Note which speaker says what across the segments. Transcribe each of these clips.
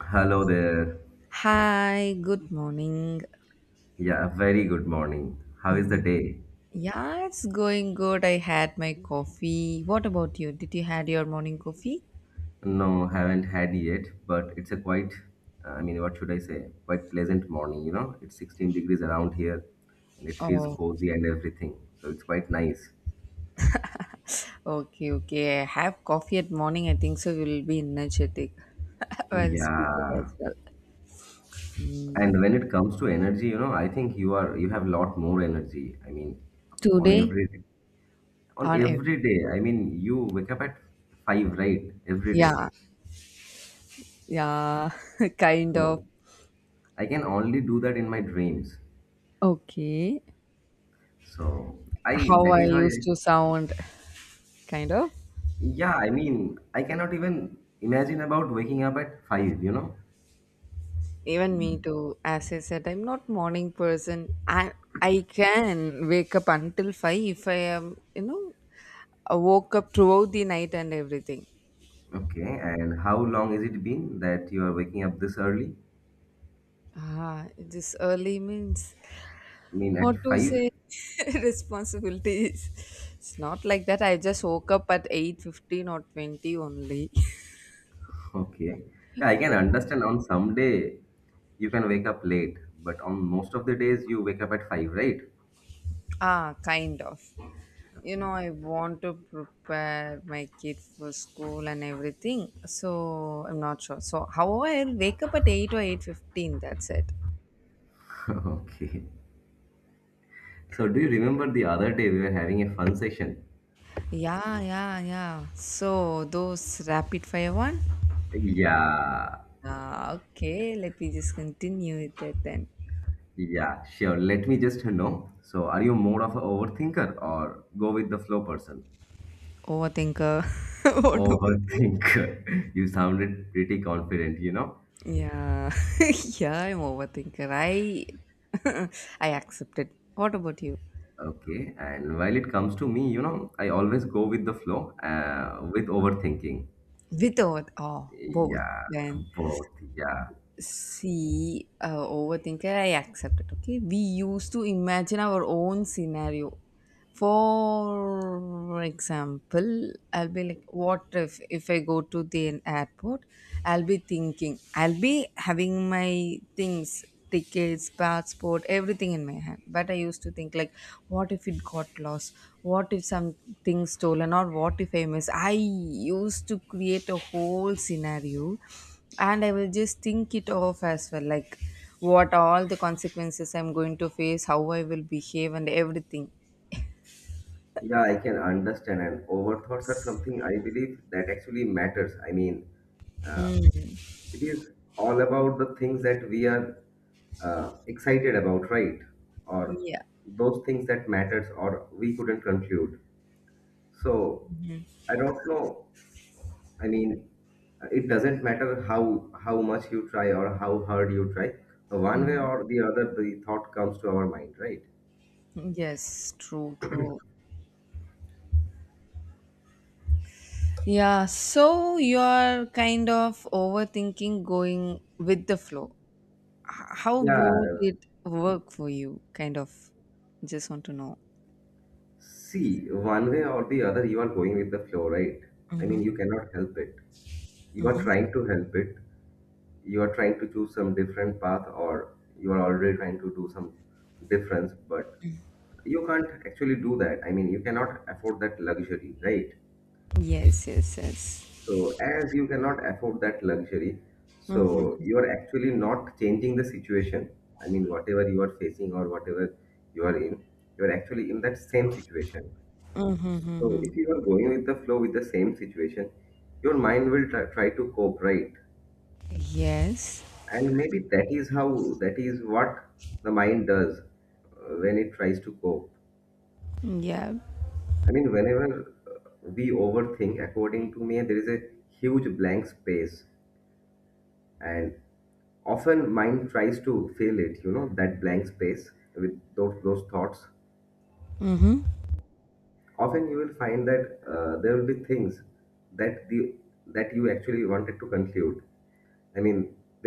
Speaker 1: Hello there.
Speaker 2: Hi, good morning.
Speaker 1: Yeah, very good morning. How is the day?
Speaker 2: Yeah, it's going good. I had my coffee. What about you? Did you had your morning coffee?
Speaker 1: No, haven't had yet, but it's a quite, I mean, what should I say? Quite pleasant morning, you know? It's 16 degrees around here and it feels
Speaker 2: Oh,
Speaker 1: cozy and everything. So it's quite nice.
Speaker 2: okay, okay. I have coffee at morning. I think so. You will be energetic while speaking
Speaker 1: Yeah.
Speaker 2: as well.
Speaker 1: And when it comes to energy, I think you have a lot more energy. I mean, on
Speaker 2: Today
Speaker 1: every on
Speaker 2: on air.
Speaker 1: every day. I mean, you wake up at five, right? Every day.
Speaker 2: Yeah, yeah, kind of.
Speaker 1: So I can only do that in my dreams.
Speaker 2: Okay.
Speaker 1: So I
Speaker 2: How
Speaker 1: that
Speaker 2: I
Speaker 1: is why I,
Speaker 2: used to sound, kind of.
Speaker 1: yeah, I mean I cannot even imagine about waking up at five.
Speaker 2: Even me too. As I said, I'm not morning person. I can wake up until five if I am, you know, I woke up throughout the night and everything.
Speaker 1: Okay, and how long is it been that you are waking up this early?
Speaker 2: Ah, this early means
Speaker 1: I mean at
Speaker 2: what to
Speaker 1: five?
Speaker 2: say, responsibilities. It's not like that. I just woke up at 8:15 or twenty only.
Speaker 1: Okay. Yeah, I can understand on some day you can wake up late, but on most of the days you wake up at five, right?
Speaker 2: Ah, kind of. You know,
Speaker 1: Okay.
Speaker 2: I want to prepare my kids for school and everything, so I'm not sure. So however, I'll wake up at 8 or 8:15, that's it.
Speaker 1: Okay. So do you remember the other day we were having a fun session?
Speaker 2: Yeah, yeah, yeah, so those rapid fire one.
Speaker 1: Yeah.
Speaker 2: Ah, okay, let me just continue with that then.
Speaker 1: Yeah, sure. Let me just know. So, are you more of an overthinker or go with the flow person?
Speaker 2: Overthinker. What about you?
Speaker 1: Overthinker. You sounded pretty confident, you know?
Speaker 2: Yeah. Yeah, I'm overthinker. I I accept it. What about you?
Speaker 1: Okay. And while it comes to me, I always go with the flow, with overthinking.
Speaker 2: With over, oh, both,
Speaker 1: Yeah,
Speaker 2: then.
Speaker 1: both. Yeah.
Speaker 2: See, overthinker, I accept it. Okay, we used to imagine our own scenario. For example, I'll be like, what if, if I go to the an airport, I'll be thinking, I'll be having my things, tickets, passport, everything in my hand, but I used to think like, what if it got lost, what if something stolen, or what if I miss? I used to create a whole scenario and I will just think it off as well, like what all the consequences I'm going to face, how I will behave and everything.
Speaker 1: Yeah, I can understand. And overthoughts are something I believe that actually matters. I mean, uh,
Speaker 2: Mm,
Speaker 1: it is all about the things that we are excited about, right? Or
Speaker 2: yeah.
Speaker 1: those things that matters, or we couldn't conclude. So
Speaker 2: Mhm,
Speaker 1: I don't know. I mean, it doesn't matter how much you try or how hard you try. One way
Speaker 2: mhm.
Speaker 1: or the other, the thought comes to our mind, right?
Speaker 2: Yes, true, true. Yeah, so you're kind of overthinking going with the flow. How
Speaker 1: Yeah,
Speaker 2: both it work for you? Kind of just want to know.
Speaker 1: see, one way or the other, you are going with the flow, right? I
Speaker 2: Mm-hmm,
Speaker 1: mean, you cannot help it. You are
Speaker 2: mm-hmm.
Speaker 1: trying to help it, you are trying to choose some different path, or you are already trying to do some difference, but you can't actually do that. I mean, you cannot afford that luxury, right?
Speaker 2: Yes, yes, yes.
Speaker 1: So as you cannot afford that luxury, so
Speaker 2: Mm-hmm,
Speaker 1: you are actually not changing the situation. I mean, whatever you are facing, or whatever you are in, you are actually in that same situation.
Speaker 2: mm-hmm,
Speaker 1: So
Speaker 2: mm-hmm.
Speaker 1: if you are going with the flow with the same situation, your mind will try to cope, right?
Speaker 2: Yes.
Speaker 1: And maybe that is what the mind does when it tries to cope.
Speaker 2: Yeah.
Speaker 1: I mean, whenever uh, we overthink, according to me, there is a huge blank space, and often mind tries to fill it, that blank space, with those thoughts.
Speaker 2: Mm-hmm.
Speaker 1: Often you will find that there will be things that the that you actually wanted to conclude. I mean,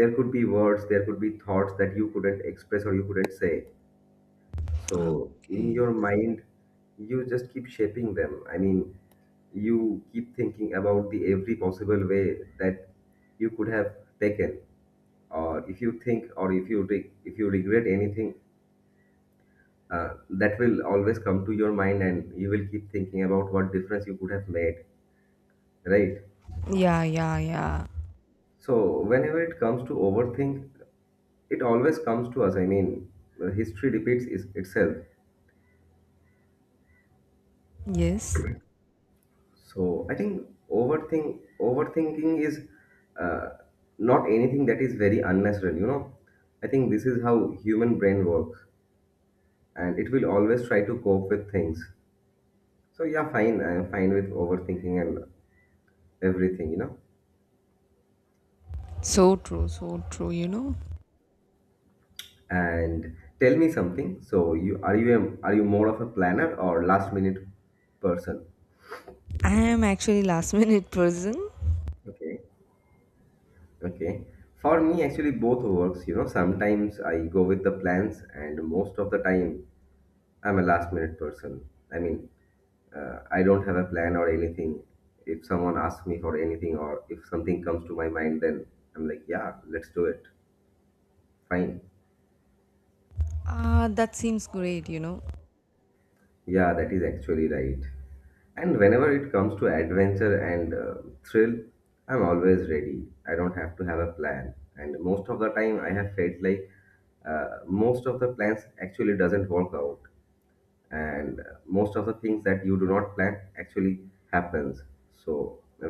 Speaker 1: there could be words, there could be thoughts that you couldn't express or you couldn't say. So in
Speaker 2: Okay.
Speaker 1: your mind, you just keep shaping them. I mean, you keep thinking about the every possible way that you could have taken, or if you think, or if you regret anything, that will always come to your mind, and you will keep thinking about what difference you could have made, right?
Speaker 2: Yeah, yeah, yeah.
Speaker 1: So whenever it comes to overthink, it always comes to us. I mean, history repeats itself.
Speaker 2: Yes.
Speaker 1: So I think overthinking is uh, not anything that is very unnatural. I think this is how human brain works, and it will always try to cope with things. So yeah, fine. I'm fine with overthinking and everything. You know,
Speaker 2: So true, you know.
Speaker 1: and tell me something. So you are you a, are you more of a planner or last minute person?
Speaker 2: I am actually last minute person.
Speaker 1: Okay. Okay. For me, actually, both works. Sometimes I go with the plans, and most of the time. I'm a last minute person. I mean, I don't have a plan or anything. If someone asks me for anything, or if something comes to my mind, then I'm like, yeah, let's do it. Fine.
Speaker 2: Ah, that seems great, you know.
Speaker 1: Yeah, that is actually right. And whenever it comes to adventure and thrill, I'm always ready. I don't have to have a plan. And most of the time, I have felt like most of the plans actually doesn't work out, and most of the things that you do not plan actually happens. So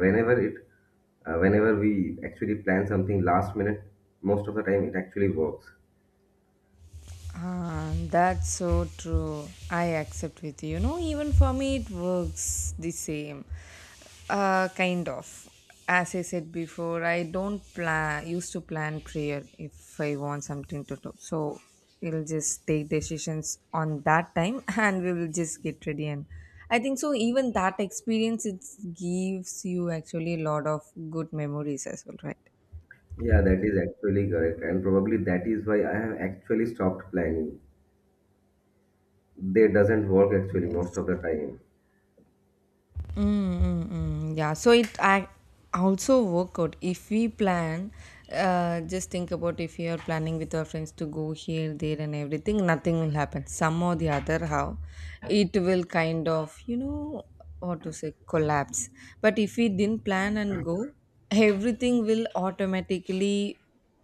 Speaker 1: whenever we actually plan something last minute, most of the time it actually works.
Speaker 2: Ah, that's so true. I accept with you. You know, even for me, it works the same. Kind of. As I said before, I don't plan, used to plan prayer if I want something to do. So we'll just take decisions on that time and we will just get ready. And I think so, even that experience, it gives you actually a lot of good memories as well, right?
Speaker 1: Yeah, that is actually correct, and probably that is why I have actually stopped planning. They doesn't work actually most
Speaker 2: Yes.
Speaker 1: of the time.
Speaker 2: Mm-mm-mm. Yeah, so it I also work out if we plan. Just think about, if you are planning with our friends to go here, there, and everything, nothing will happen. Some or the other, how it will kind of, you know, what to say, collapse. But if we didn't plan and go, everything will automatically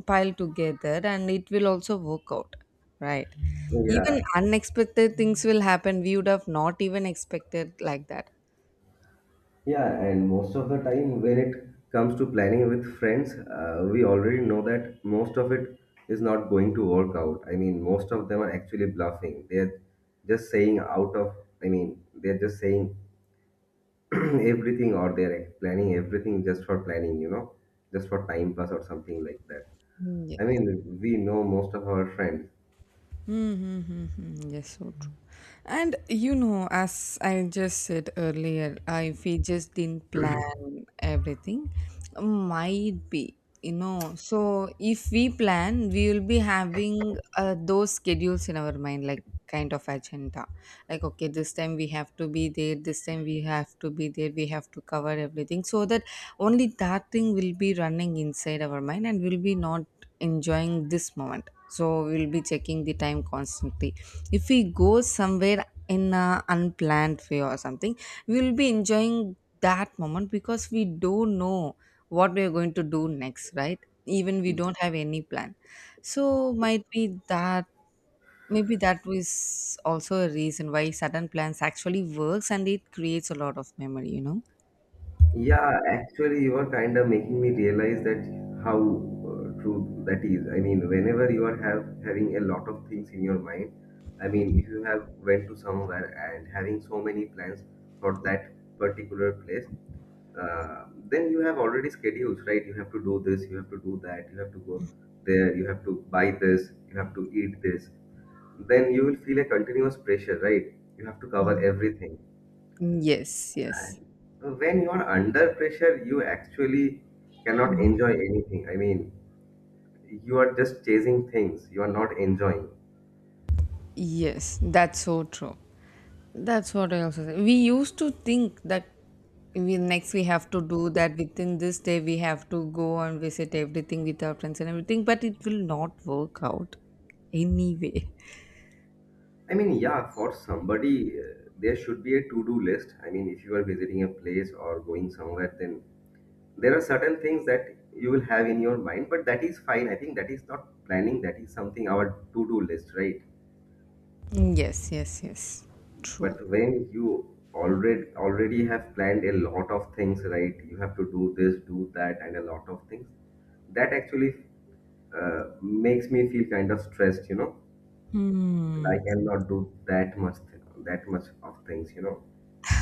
Speaker 2: pile together and it will also work out, right? Even
Speaker 1: Yeah.
Speaker 2: unexpected things will happen. We would have not even expected like that.
Speaker 1: Yeah, and most of the time when it comes to planning with friends, we already know that most of it is not going to work out. I mean, most of them are actually bluffing. They're just saying out of, I mean, they're just saying everything, or they're planning everything just for planning, just for time pass or something like that.
Speaker 2: Mm.
Speaker 1: I
Speaker 2: Yes.
Speaker 1: mean, we know most of our friends.
Speaker 2: Mm-hmm. Yes, so true. And you know, as I just said earlier, I if we just didn't plan everything, might be, you know. So if we plan, we will be having those schedules in our mind, like kind of agenda. Like, okay, this time we have to be there, this time we have to be there, we have to cover everything, so that only that thing will be running inside our mind, and we'll be not enjoying this moment. So we'll be checking the time constantly. If we go somewhere in a unplanned way or something, we'll be enjoying that moment, because we don't know what we're going to do next, right? Even we don't have any plan. So might be that, maybe that was also a reason why sudden plans actually works, and it creates a lot of memory, you know.
Speaker 1: Yeah, actually, you are kind of making me realize that how true that is. I mean, whenever you are have having a lot of things in your mind, I mean, if you have went to somewhere and having so many plans for that particular place, then you have already schedules, right? You have to do this, you have to do that, you have to go there, you have to buy this, you have to eat this. Then you will feel a continuous pressure, right? You have to cover
Speaker 2: Mhm.
Speaker 1: everything.
Speaker 2: Yes, yes,
Speaker 1: When you're under pressure, you actually cannot enjoy anything. I mean, you are just chasing things, you are not enjoying.
Speaker 2: yes, that's so true. That's what I also say. We used to think that we have to do that, within this day we have to go and visit everything with our friends and everything, but it will not work out anyway.
Speaker 1: I mean, yeah, for somebody, there should be a to do list. I mean, if you are visiting a place or going somewhere, then there are certain things that you will have in your mind, but that is fine. I think that is not planning, that is something our to do list, right?
Speaker 2: Yes, yes, yes. True.
Speaker 1: But when you already have planned a lot of things, right? You have to do this, do that, and a lot of things. That actually makes me feel kind of stressed. That
Speaker 2: Hmm.
Speaker 1: I cannot do that much, that much of things.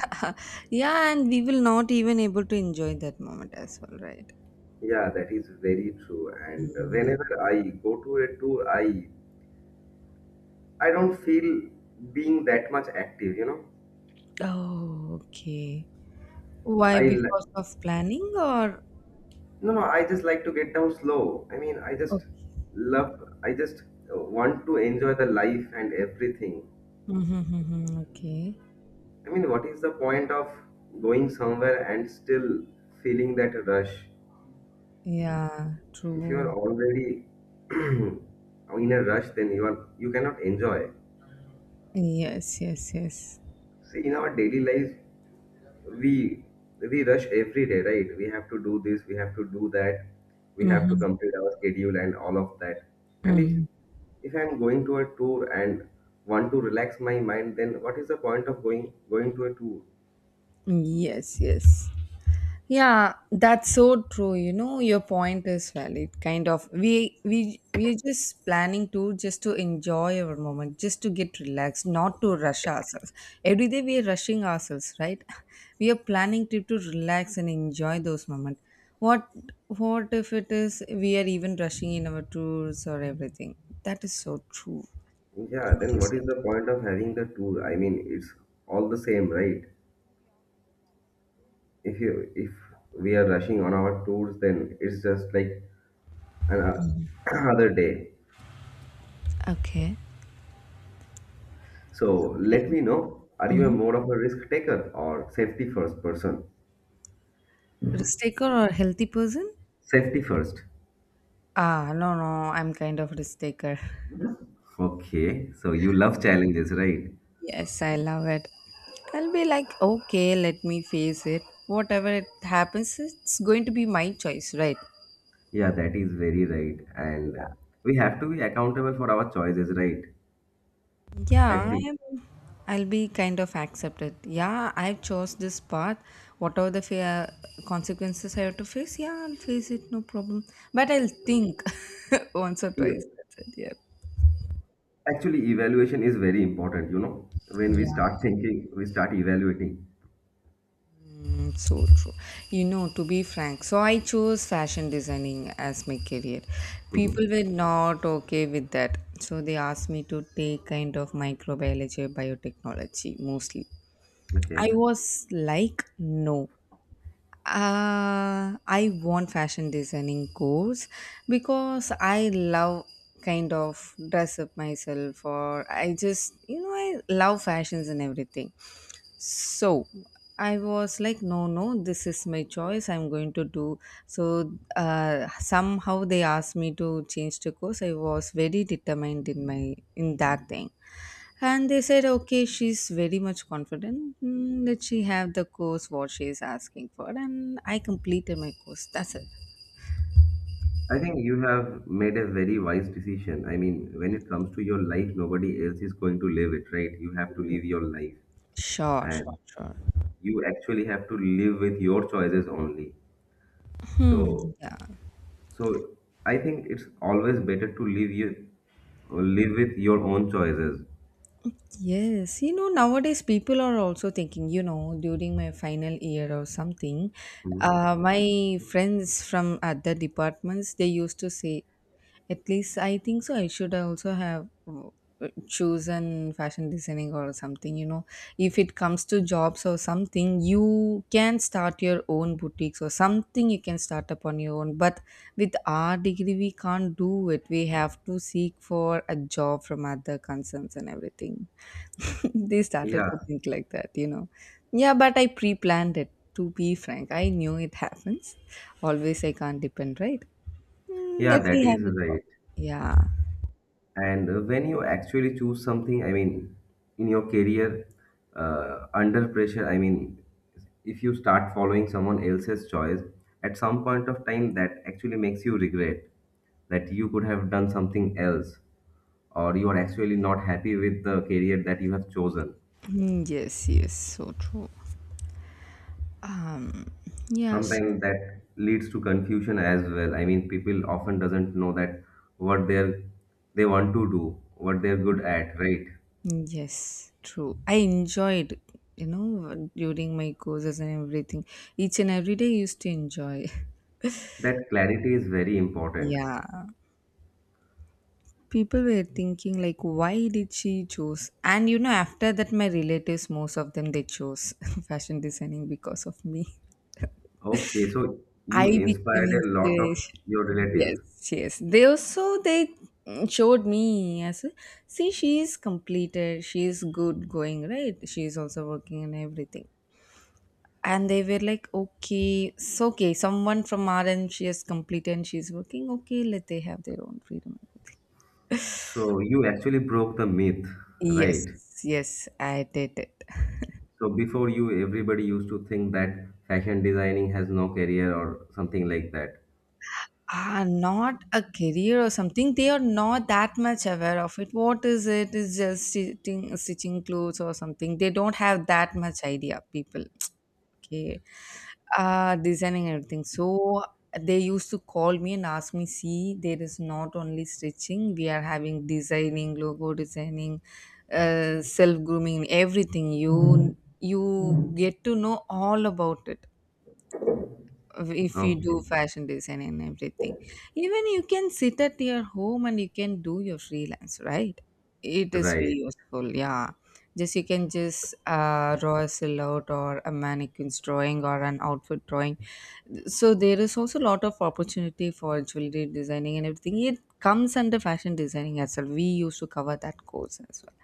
Speaker 2: Yeah, and we will not even able to enjoy that moment as well, right?
Speaker 1: Yeah, that is very true. And
Speaker 2: Hmm.
Speaker 1: whenever I go to a tour, I don't feel being that much active.
Speaker 2: Oh, okay. Why?
Speaker 1: I li-
Speaker 2: Because of planning or?
Speaker 1: No, no, I just like to get down slow. I mean,
Speaker 2: Okay.
Speaker 1: I just want to enjoy the life and everything.
Speaker 2: Mhm, mhm, mhm. Okay.
Speaker 1: I mean, what is the point of going somewhere and still feeling that rush?
Speaker 2: Yeah,
Speaker 1: If you are
Speaker 2: true.
Speaker 1: already in a rush, then you cannot enjoy.
Speaker 2: Yes, yes, yes.
Speaker 1: See, in our daily life, we we rush every day, right? We have to do this, we have to do that, we have to
Speaker 2: Mm-hmm.
Speaker 1: complete our schedule and all of that. And if
Speaker 2: Mm-hmm.
Speaker 1: if I'm going to a tour and want to relax my mind, then what is the point of going to a tour?
Speaker 2: Yes, yes. Yeah, that's so true. You know, your point is valid. Kind of, we're just planning to just to enjoy our moment, just to get relaxed, not to rush ourselves. Every day we are rushing ourselves, right? We are planning to relax and enjoy those moments. What what if it is we are even rushing in our tours or everything? That is so true.
Speaker 1: Yeah,
Speaker 2: What
Speaker 1: then
Speaker 2: you
Speaker 1: what is
Speaker 2: said.
Speaker 1: the point of having the tour? I mean, it's all the same, right? If we are rushing on our tours, then it's just like an, another day.
Speaker 2: Okay.
Speaker 1: So
Speaker 2: Kind
Speaker 1: let me know, are you a
Speaker 2: of.
Speaker 1: more of a risk taker or safety first person?
Speaker 2: Risk taker or healthy person?
Speaker 1: Safety first.
Speaker 2: Ah, no, no, I'm kind of risk taker.
Speaker 1: Okay, so you love challenges, right?
Speaker 2: Yes, I love it. I'll be like, okay, let me face it. Whatever it happens, it's going to be my choice, right?
Speaker 1: Yeah, that is very right. And we have to be accountable for our choices, right? At
Speaker 2: Yeah, I
Speaker 1: the
Speaker 2: am. I'll be kind of accepted. Yeah, I have chose this path. Whatever the fear consequences I have to face, yeah, I'll face it, no problem. But I'll think once or
Speaker 1: Yeah.
Speaker 2: twice. That's it. Yeah.
Speaker 1: Actually, evaluation is very important. When we
Speaker 2: Yeah.
Speaker 1: start thinking, we start evaluating.
Speaker 2: Mm. So true. You know, to be frank, so I chose fashion designing as my career. People
Speaker 1: Mhm.
Speaker 2: were not okay with that. So they asked me to take kind of microbiology, biotechnology mostly.
Speaker 1: Okay.
Speaker 2: I was like, no. I want fashion designing course, because I love kind of dress up myself, or I just, you know, I love fashions and everything. So I was like, no, no, this is my choice, I'm going to do. So somehow they asked me to change the course. I was very determined in that thing, and they said, okay, she's very much confident, let she have the course what she is asking for, and I completed my course, that's it.
Speaker 1: I think you have made a very wise decision. I mean, when it comes to your life, nobody else is going to live it, right? You have to live your life.
Speaker 2: Sure, sure,
Speaker 1: And
Speaker 2: sure.
Speaker 1: you actually have to live with your choices only.
Speaker 2: Hmm,
Speaker 1: So
Speaker 2: yeah.
Speaker 1: So I think it's always better to live with your own choices.
Speaker 2: Yes, you know, nowadays people are also thinking, you know, during my final year or something,
Speaker 1: Mhm.
Speaker 2: my friends from other departments, they used to say, at least I think so, I should also have chosen fashion designing or something. If it comes to jobs or something, you can start your own boutiques or something, you can start up on your own. But with our degree, we can't do it. We have to seek for a job from other concerns and everything. They started
Speaker 1: Yeah,
Speaker 2: to think like that. Yeah, but I pre planned it. To be frank, I knew it happens. Always I can't depend, right? Mm,
Speaker 1: yeah,
Speaker 2: that
Speaker 1: that
Speaker 2: we
Speaker 1: is
Speaker 2: have a job.
Speaker 1: right.
Speaker 2: Yeah.
Speaker 1: And when you actually choose something, I mean, in your career, under pressure, I mean, if you start following someone else's choice, at some point of time, that actually makes you regret that you could have done something else, or you are actually not happy with the career that you have chosen.
Speaker 2: Mm. Yes, yes, so true. Um, yes,
Speaker 1: Sometimes that leads to confusion as well. I mean, people often doesn't know that what they want to do, what they're good at, right?
Speaker 2: yes, true. I enjoyed, you know, during my courses and everything. Each and every day I used to enjoy.
Speaker 1: That clarity is very important.
Speaker 2: Yeah. People were thinking like, why did she choose? And you know, after that, my relatives, most of them, they chose fashion designing because of me.
Speaker 1: Okay. So you
Speaker 2: I became
Speaker 1: inspired a lot of
Speaker 2: inspiration.
Speaker 1: your
Speaker 2: Yes,
Speaker 1: relatives.
Speaker 2: yes. They also they showed me as a, see, she is completed, she is good going, right? She is also working and everything. And they were like, okay, it's okay, someone from our end, she has completed and she's working. Okay, let they have their own freedom.
Speaker 1: So you actually broke the myth,
Speaker 2: Yes,
Speaker 1: right?
Speaker 2: yes, I did it.
Speaker 1: So before you, everybody used to think that fashion designing has no career or something like that.
Speaker 2: Ah, not a career or something. They are not that much aware of it. What is it? Is just stitching, stitching clothes or something. They don't have that much idea. People, okay, designing everything. So they used to call me and ask me, see, there is not only stitching. We are having designing, logo designing, self grooming, everything. You get to know all about it if you do
Speaker 1: Okay.
Speaker 2: fashion design and everything. Even you can sit at your home and you can do your freelance, right? It is very
Speaker 1: Right.
Speaker 2: useful, yeah. Just you can just draw a silhouette or a mannequin's drawing or an outfit drawing. So there is also a lot of opportunity for jewelry designing, and everything it comes under fashion designing as well. We used to cover that course as well.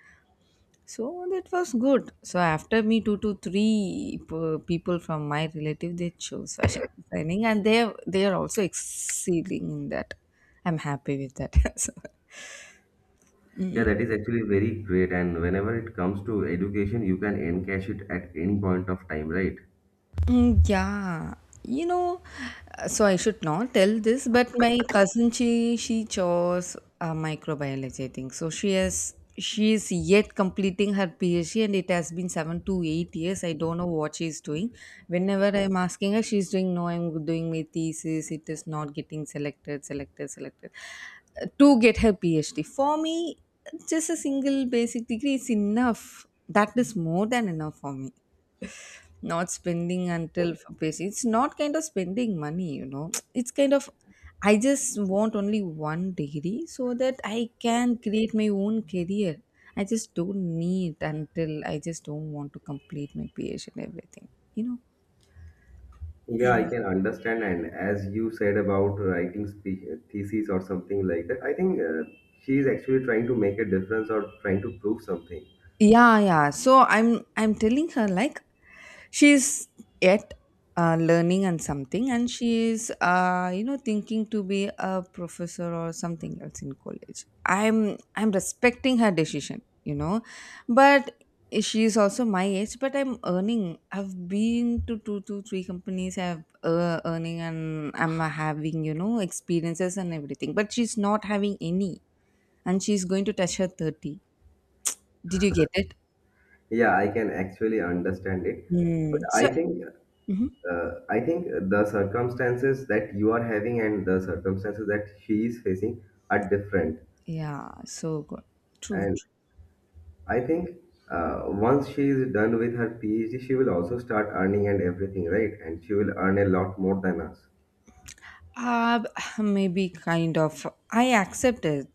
Speaker 2: So that was good. So after me, two to three people from my relative, they chose fashion designing, and they are also excelling in that. I'm happy with that. So
Speaker 1: Yeah, that is actually very great. And whenever it comes to education, you can encash it at any point of time, right?
Speaker 2: mm, yeah, you know, so I should not tell this, but my cousin, she chose microbiology, I think. So she is yet completing her PhD, and it has been 7 to 8 years. I don't know what she's doing. Whenever I'm asking her, she's doing no, I'm doing my thesis. It is not getting selected, selected, selected, to get her PhD. For me, just a single basic degree is enough. That is more than enough for me, not spending until basic. It's not kind of spending money. It's kind of. I just want only one degree so that I can create my own career. I just don't need until I just don't want to complete my PhD and everything. You know,
Speaker 1: Yeah, I can understand. And as you said about writing thesis or something like that, I think she is actually trying to make a difference or trying to prove something.
Speaker 2: yeah, yeah, so I'm telling her, like, she's yet learning and something, and she's thinking to be a professor or something else in college. I'm respecting her decision, you know. But she is also my age, but I'm earning. I've been to two to three companies. I've earning, and I'm having, you know, experiences and everything, but she's not having any. And she's going to touch her 30. Did you get it?
Speaker 1: Yeah, I can actually understand it. But
Speaker 2: Mm. So,
Speaker 1: I think
Speaker 2: mhm.
Speaker 1: uh, I think the circumstances that you are having and the circumstances that she is facing are different.
Speaker 2: Yeah, so good. True,
Speaker 1: And
Speaker 2: true.
Speaker 1: I think once she is done with her PhD, she will also start earning and everything, right? And she will earn a lot more than us.
Speaker 2: Uh, maybe kind of. I accept it.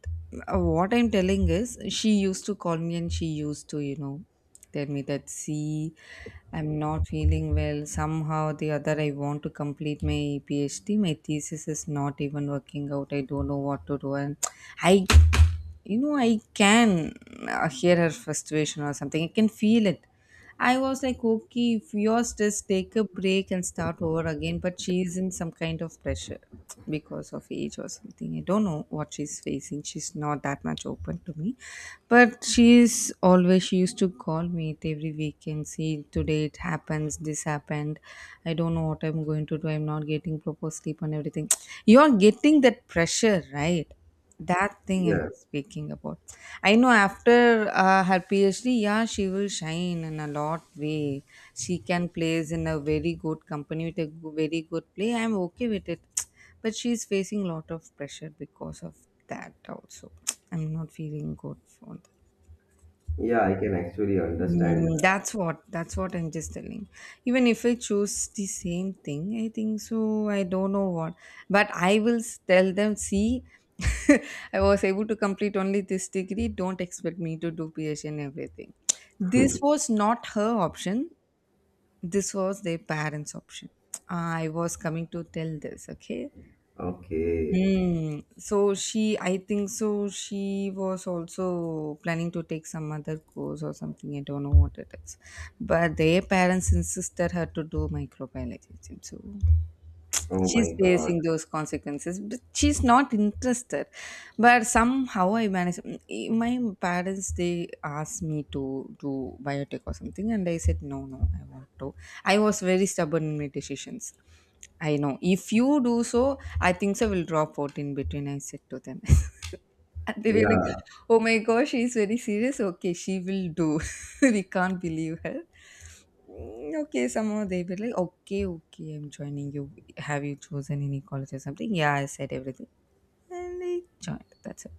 Speaker 2: What I'm telling is, she used to call me, and she used to, you know, tell me that, see, I'm not feeling well. Somehow or the other, I want to complete my PhD. My thesis is not even working out. I don't know what to do. And I you know, I can hear her frustration or something. I can feel it. I was like, okay, if you're stressed, take a break and start over again. But she's in some kind of pressure because of age or something. I don't know what she's facing. She's not that much open to me. But she used to call me it every weekend, see, today it happens, this happened. I don't know what I'm going to do. I'm not getting proper sleep and everything. You're getting that pressure, right? That thing I'm
Speaker 1: Yeah,
Speaker 2: just speaking about. I know after her PhD, yeah, she will shine in a lot way. She can plays in a very good company with a very good play. I'm okay with it. But she's facing a lot of pressure because of that also. I'm not feeling good for that.
Speaker 1: yeah, I can actually understand.
Speaker 2: Mm, that's what I'm just telling. Even if I choose the same thing, I think so. I don't know what, but I will tell them. See, I was able to complete only this degree. Don't expect me to do PhD and everything. This was not her option. This was their parents' option. I was coming to tell this. Okay.
Speaker 1: Okay.
Speaker 2: Hmm. So she, I think so, she was also planning to take some other course or something. I don't know what it is, but their parents insisted her to do microbiology. So
Speaker 1: Oh
Speaker 2: she's
Speaker 1: my God.
Speaker 2: facing those consequences, but she's not interested. But somehow I managed. My parents, they asked me to do biotech or something, and I said, no, no, I want to. I was very stubborn in my decisions. I know if you do so, I think so will drop out in between, I said to them. And they were like,
Speaker 1: Yeah,
Speaker 2: oh my gosh, she's very serious. Okay, she will do. We can't believe her. Mm. Okay, somehow they were like, okay, okay, I'm joining you. Have you chosen any college or something? Yeah, I said everything. And they joined. That's it.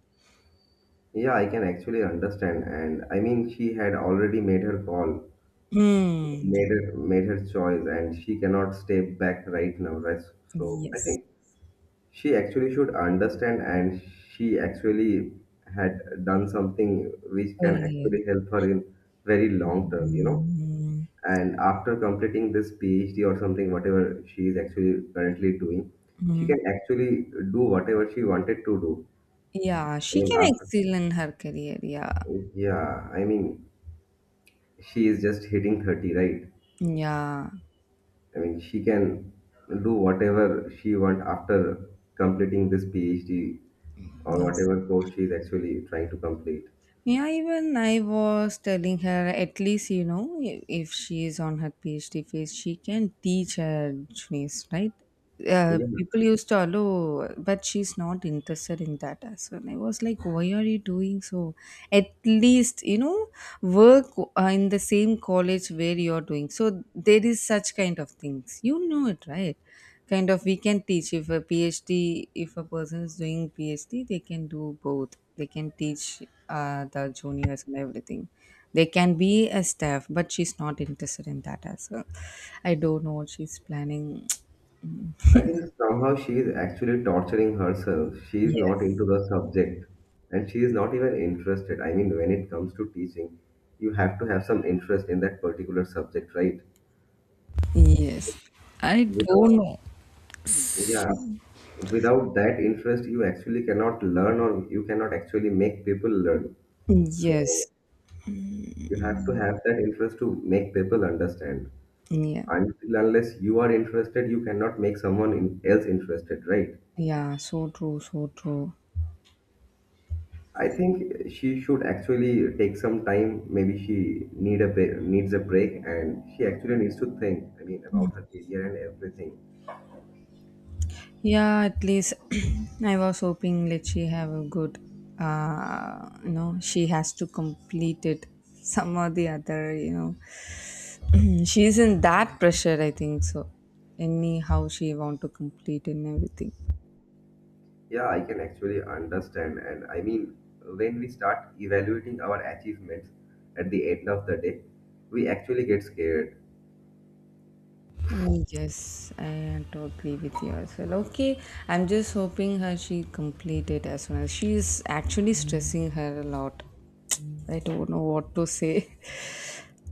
Speaker 1: yeah, I can actually understand. And I mean, she had already made her call,
Speaker 2: Hmm. Yeah.
Speaker 1: made her choice, and she cannot step back right now, right? So I
Speaker 2: Yes.
Speaker 1: think she actually should understand and she actually had done something which can
Speaker 2: Earlier.
Speaker 1: actually help her in very long term.
Speaker 2: Mm.
Speaker 1: And after completing this PhD or something, whatever she is actually currently doing, she
Speaker 2: Mm.
Speaker 1: can actually do whatever she wanted to do.
Speaker 2: Yeah,
Speaker 1: i
Speaker 2: she
Speaker 1: mean
Speaker 2: can
Speaker 1: after
Speaker 2: excel in her career. Yeah.
Speaker 1: yeah i mean she is just hitting 30, right?
Speaker 2: Yeah.
Speaker 1: I mean she can do whatever she want after completing this PhD or
Speaker 2: Yes.
Speaker 1: whatever course she is actually trying to complete.
Speaker 2: Yeah, even I was telling her, at least, you know, if she is on her PhD phase, she can teach her phase, right?
Speaker 1: Yeah,
Speaker 2: People used to allow, but she's not interested in that as well. I was like, why are you doing so? At least, you know, work in the same college where you're doing. So there is such kind of things. You know it, right? Kind of, we can teach. If a PhD, if a person is doing PhD, they can do both. They can teach the juniors and everything. They can be a staff, but she's not interested in that as well. I don't know what she's planning.
Speaker 1: I think somehow she is actually torturing herself. She is not
Speaker 2: Yes.
Speaker 1: into the subject and she is not even interested. I mean, when it comes to teaching, you have to have some interest in that particular subject, right?
Speaker 2: Yes, I don't
Speaker 1: Without,
Speaker 2: know.
Speaker 1: yeah, without that interest, you actually cannot learn or you cannot actually make people learn.
Speaker 2: Yes.
Speaker 1: So you have to have that interest to make people understand.
Speaker 2: yeah
Speaker 1: Until unless you are interested, you cannot make someone else interested, right?
Speaker 2: yeah, so true, so true.
Speaker 1: I think she should actually take some time. Maybe she need a break, needs a break, and she actually needs to think. I mean, about her career and everything.
Speaker 2: Yeah, at least I was hoping let she have a good you know, she has to complete it. Some or the other, you know. She is in that pressure, I think so. Anyhow she want to complete and everything.
Speaker 1: Yeah, I can actually understand. And I mean, when we start evaluating our achievements at the end of the day, we actually get scared.
Speaker 2: Mm, yes, I totally with you as well. Okay, I'm just hoping her she complete it as well. She is actually stressing her a lot. I don't know what to say.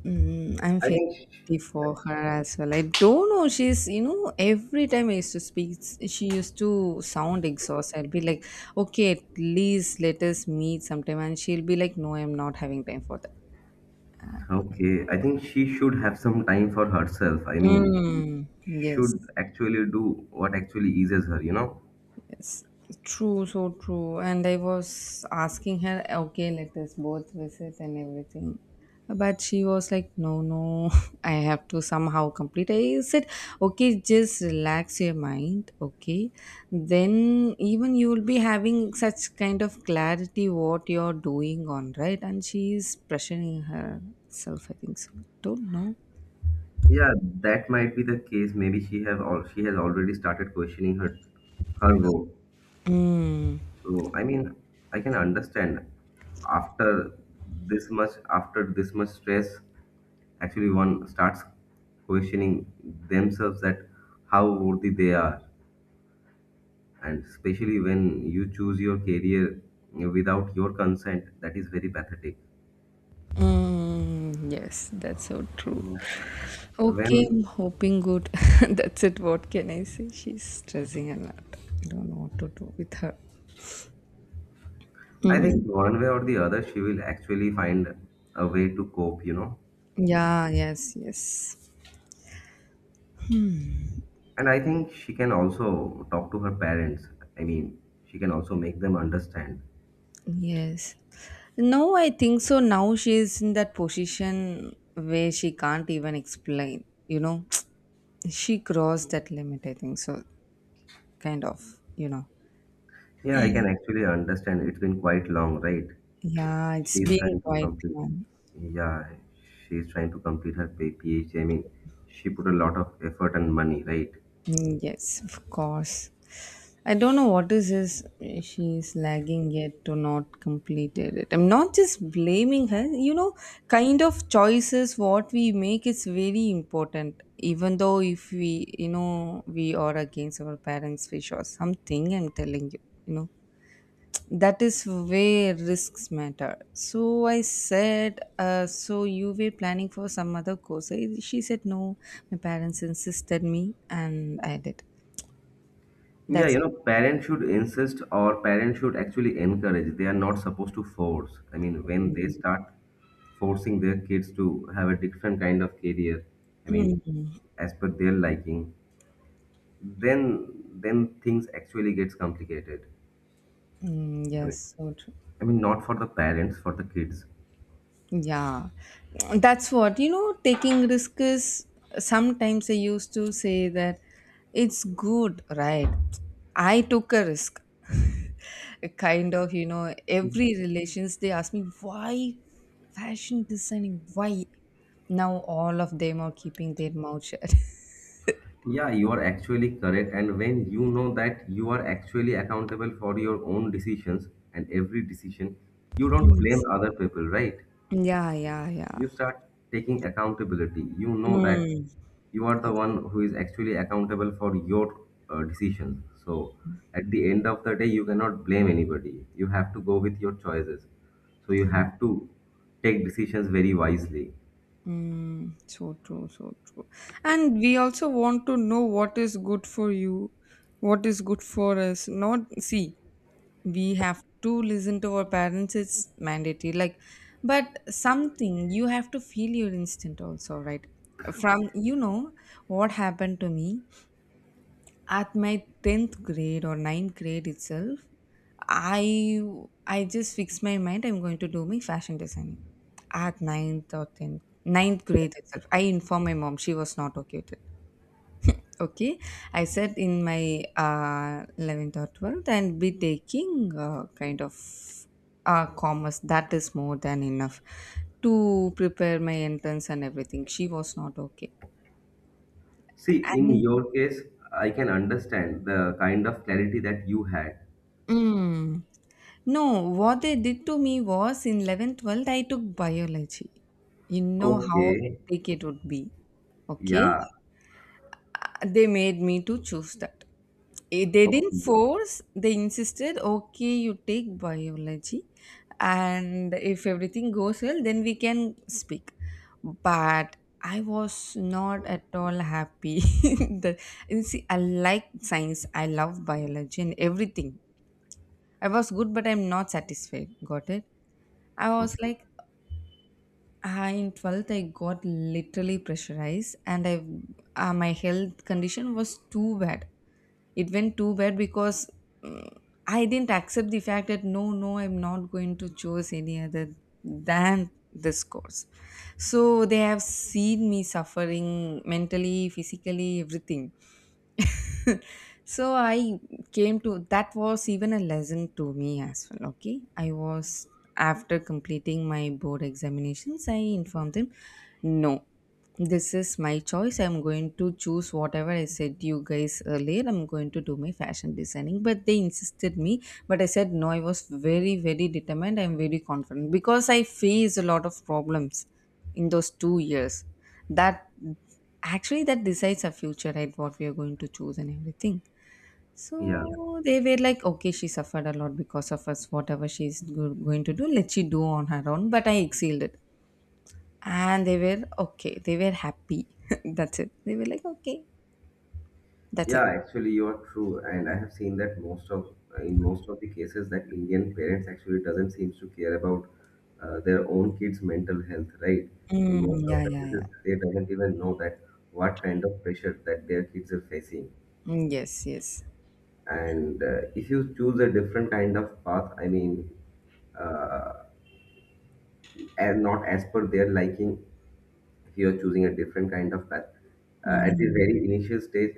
Speaker 2: Mm, I'm
Speaker 1: I
Speaker 2: feeling
Speaker 1: think.
Speaker 2: pity
Speaker 1: Sh
Speaker 2: for her as well. I don't know. She's, you know, every time I used to speak, she used to sound exhausted. I'd be like, okay, at least let us meet sometime. And she'll be like, no, I'm not having time for that.
Speaker 1: Okay, I think she should have some time for herself. I mean, she
Speaker 2: Mm, yes.
Speaker 1: should actually do what actually eases her. You know.
Speaker 2: Yes, true, so true. And I was asking her, okay, let us both visit and everything. But she was like, no, no, I have to somehow complete. I said, okay, just relax your mind, okay? Then even you will be having such kind of clarity what you're doing on, right? And she is pressuring herself, I think so. Don't know.
Speaker 1: Yeah, that might be the case. Maybe she have all she has already started questioning her goal.
Speaker 2: Mm.
Speaker 1: So I mean, I can understand after after this much stress, actually one starts questioning themselves that how worthy they are, and especially when you choose your career without your consent, that is very pathetic.
Speaker 2: Mm, yes, that's so true. Okay,
Speaker 1: When
Speaker 2: I'm hoping good. That's it. What can I say? She's stressing a lot. I don't know what to do with her.
Speaker 1: I
Speaker 2: Mm.
Speaker 1: think one way or the other, she will actually find a way to cope. You know.
Speaker 2: Yeah, yes, yes,
Speaker 1: And I think she can also talk to her parents. I mean, she can also make them understand.
Speaker 2: yes. No, I think so. Now she's in that position where she can't even explain, you know. She crossed that limit, I think so, kind of, you know.
Speaker 1: Yeah, I can actually understand, it's been quite long, right?
Speaker 2: Yeah,
Speaker 1: she
Speaker 2: it's
Speaker 1: is
Speaker 2: been
Speaker 1: trying to
Speaker 2: quite
Speaker 1: complete
Speaker 2: long.
Speaker 1: yeah she is trying to complete her PhD. I mean, she put a lot of effort and money, right?
Speaker 2: Mm, yes, of course. I don't know what is this. She's lagging yet to not completed it. I'm not just blaming her. You know, kind of, choices what we make is very important. Even though if we, you know, we are against our parents' wish or something, I'm telling you, you know, that is where risks matter. So I said, so you were planning for some other course. She said, no, my parents insisted me, and I did.
Speaker 1: Yeah,
Speaker 2: That's.
Speaker 1: you know, parents should insist or parents should actually encourage. They are not supposed to force. I mean, when they start forcing their kids to have a different kind of career, I mean, as per their liking, then then things actually gets complicated.
Speaker 2: Mm,
Speaker 1: i mean
Speaker 2: yes, so true.
Speaker 1: i mean not for the parents, for the kids.
Speaker 2: Yeah, that's what, you know. Taking risk is sometimes, I used to say that, it's good, right? I took a risk. Kind of, you know, every relations they ask me why fashion designing, why? Now all of them are keeping their mouth shut.
Speaker 1: Yeah, you are actually correct, and when you know that you are actually accountable for your own decisions and every decision, you don't
Speaker 2: Mm.
Speaker 1: blame other people, right?
Speaker 2: Yeah, yeah, yeah.
Speaker 1: You start taking accountability. You know that
Speaker 2: Mm.
Speaker 1: you are the one who is actually accountable for your decisions. So at the end of the day, you cannot blame anybody, you have to go with your choices. So you have to take decisions very wisely.
Speaker 2: Mm, so true, so true. And we also want to know what is good for you, what is good for us. Not see, we have to listen to our parents, it's mandatory. Like, but something you have to feel your instinct also, right? From, you know, what happened to me at my 10th grade or ninth grade itself. I i just fixed my mind, I'm going to do my fashion designing. At ninth or 10th, ninth grade itself, I informed my mom. She was not okay with it. Okay, I said in my 11th or 12th and be taking kind of commerce, that is more than enough to prepare my entrance and everything. She was not okay.
Speaker 1: See, in
Speaker 2: And
Speaker 1: your case, I can understand the kind of clarity that you had.
Speaker 2: mm, no, what they did to me was in 11th, 12th, I took biology. You know how
Speaker 1: Okay.
Speaker 2: hectic it would be. Okay.
Speaker 1: Yeah.
Speaker 2: They made me to choose that. Eh, they didn't
Speaker 1: Okay,
Speaker 2: force, they insisted, okay, you take biology. And if everything goes well, then we can speak. But I was not at all happy. The, you see, I like science, I love biology and everything. I was good, but I'm not satisfied. Got it? I was
Speaker 1: okay.
Speaker 2: like, ah, in 12th, I got literally pressurized, and I my health condition was too bad. It went too bad because mm, I didn't accept the fact that no, no, I'm not going to choose any other than this course. So they have seen me suffering mentally, physically, everything. So I came to that was even a lesson to me as well. Okay, I was after completing my board examinations, I informed them no. This is my choice. I'm going to choose whatever I said to you guys earlier. I'm going to do my fashion designing. But they insisted me. But I said no, I was very, very determined. I'm very confident because I faced a lot of problems in those 2 years. That, actually that decides our future, right? What we are going to choose and everything.
Speaker 1: Yeah.
Speaker 2: So they were like, okay, she suffered a lot because of us. Whatever she's going to do, let she do on her own. But I exhaled it. And they were okay. They were happy. That's it. They were like, okay. That's it.
Speaker 1: Yeah, actually, you are true, and I have seen that most of in most of the cases that Indian parents actually doesn't seems to care about their own kids' mental health, right? In
Speaker 2: Mm,
Speaker 1: most of
Speaker 2: yeah,
Speaker 1: the
Speaker 2: yeah, yeah.
Speaker 1: cases, they doesn't even know that what kind of pressure that their kids are facing.
Speaker 2: Mm, yes, yes.
Speaker 1: And if you choose a different kind of path, I mean, uh, and not as per their liking, here choosing a different kind of path at the
Speaker 2: Mm.
Speaker 1: very initial stage,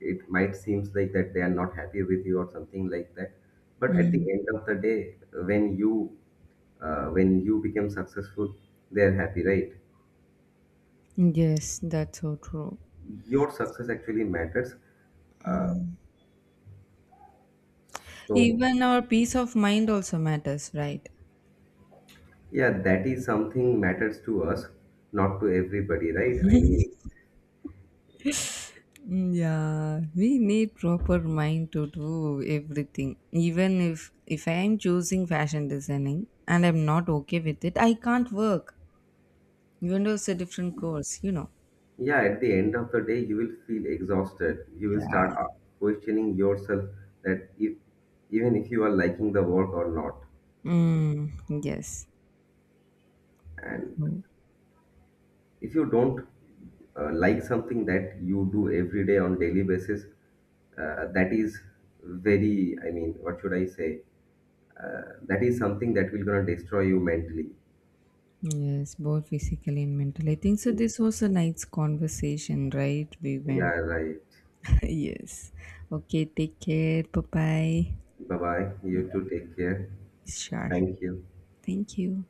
Speaker 1: it might seems like that they are not happy with you or something like that, but at the
Speaker 2: mm.
Speaker 1: end of the day, when you when you become successful, they are happy, right?
Speaker 2: Yes, that's so true.
Speaker 1: Your success actually matters. uh, so
Speaker 2: Even our peace of mind also matters, right?
Speaker 1: yeah, that is something matters to us, not to everybody, right? I mean,
Speaker 2: Mm, yeah, we need proper mind to do everything. Even if I am choosing fashion designing and I'm not okay with it, I can't work. Even though it's a different course, you know.
Speaker 1: yeah, at the end of the day, you will feel exhausted. You will
Speaker 2: Yeah.
Speaker 1: start questioning yourself that if even if you are liking the work or not,
Speaker 2: Mm, yes.
Speaker 1: and
Speaker 2: Mm.
Speaker 1: if you don't like something that you do every day on daily basis, that is very. I mean, what should I say? That is something that will gonna destroy you mentally.
Speaker 2: Yes, both physically and mentally. I think so. This was a nice conversation, right? We went.
Speaker 1: Yeah, right.
Speaker 2: Yes. Okay, take care. Bye bye.
Speaker 1: Bye bye. You too. Take care.
Speaker 2: Sure.
Speaker 1: Thank you.
Speaker 2: Thank you.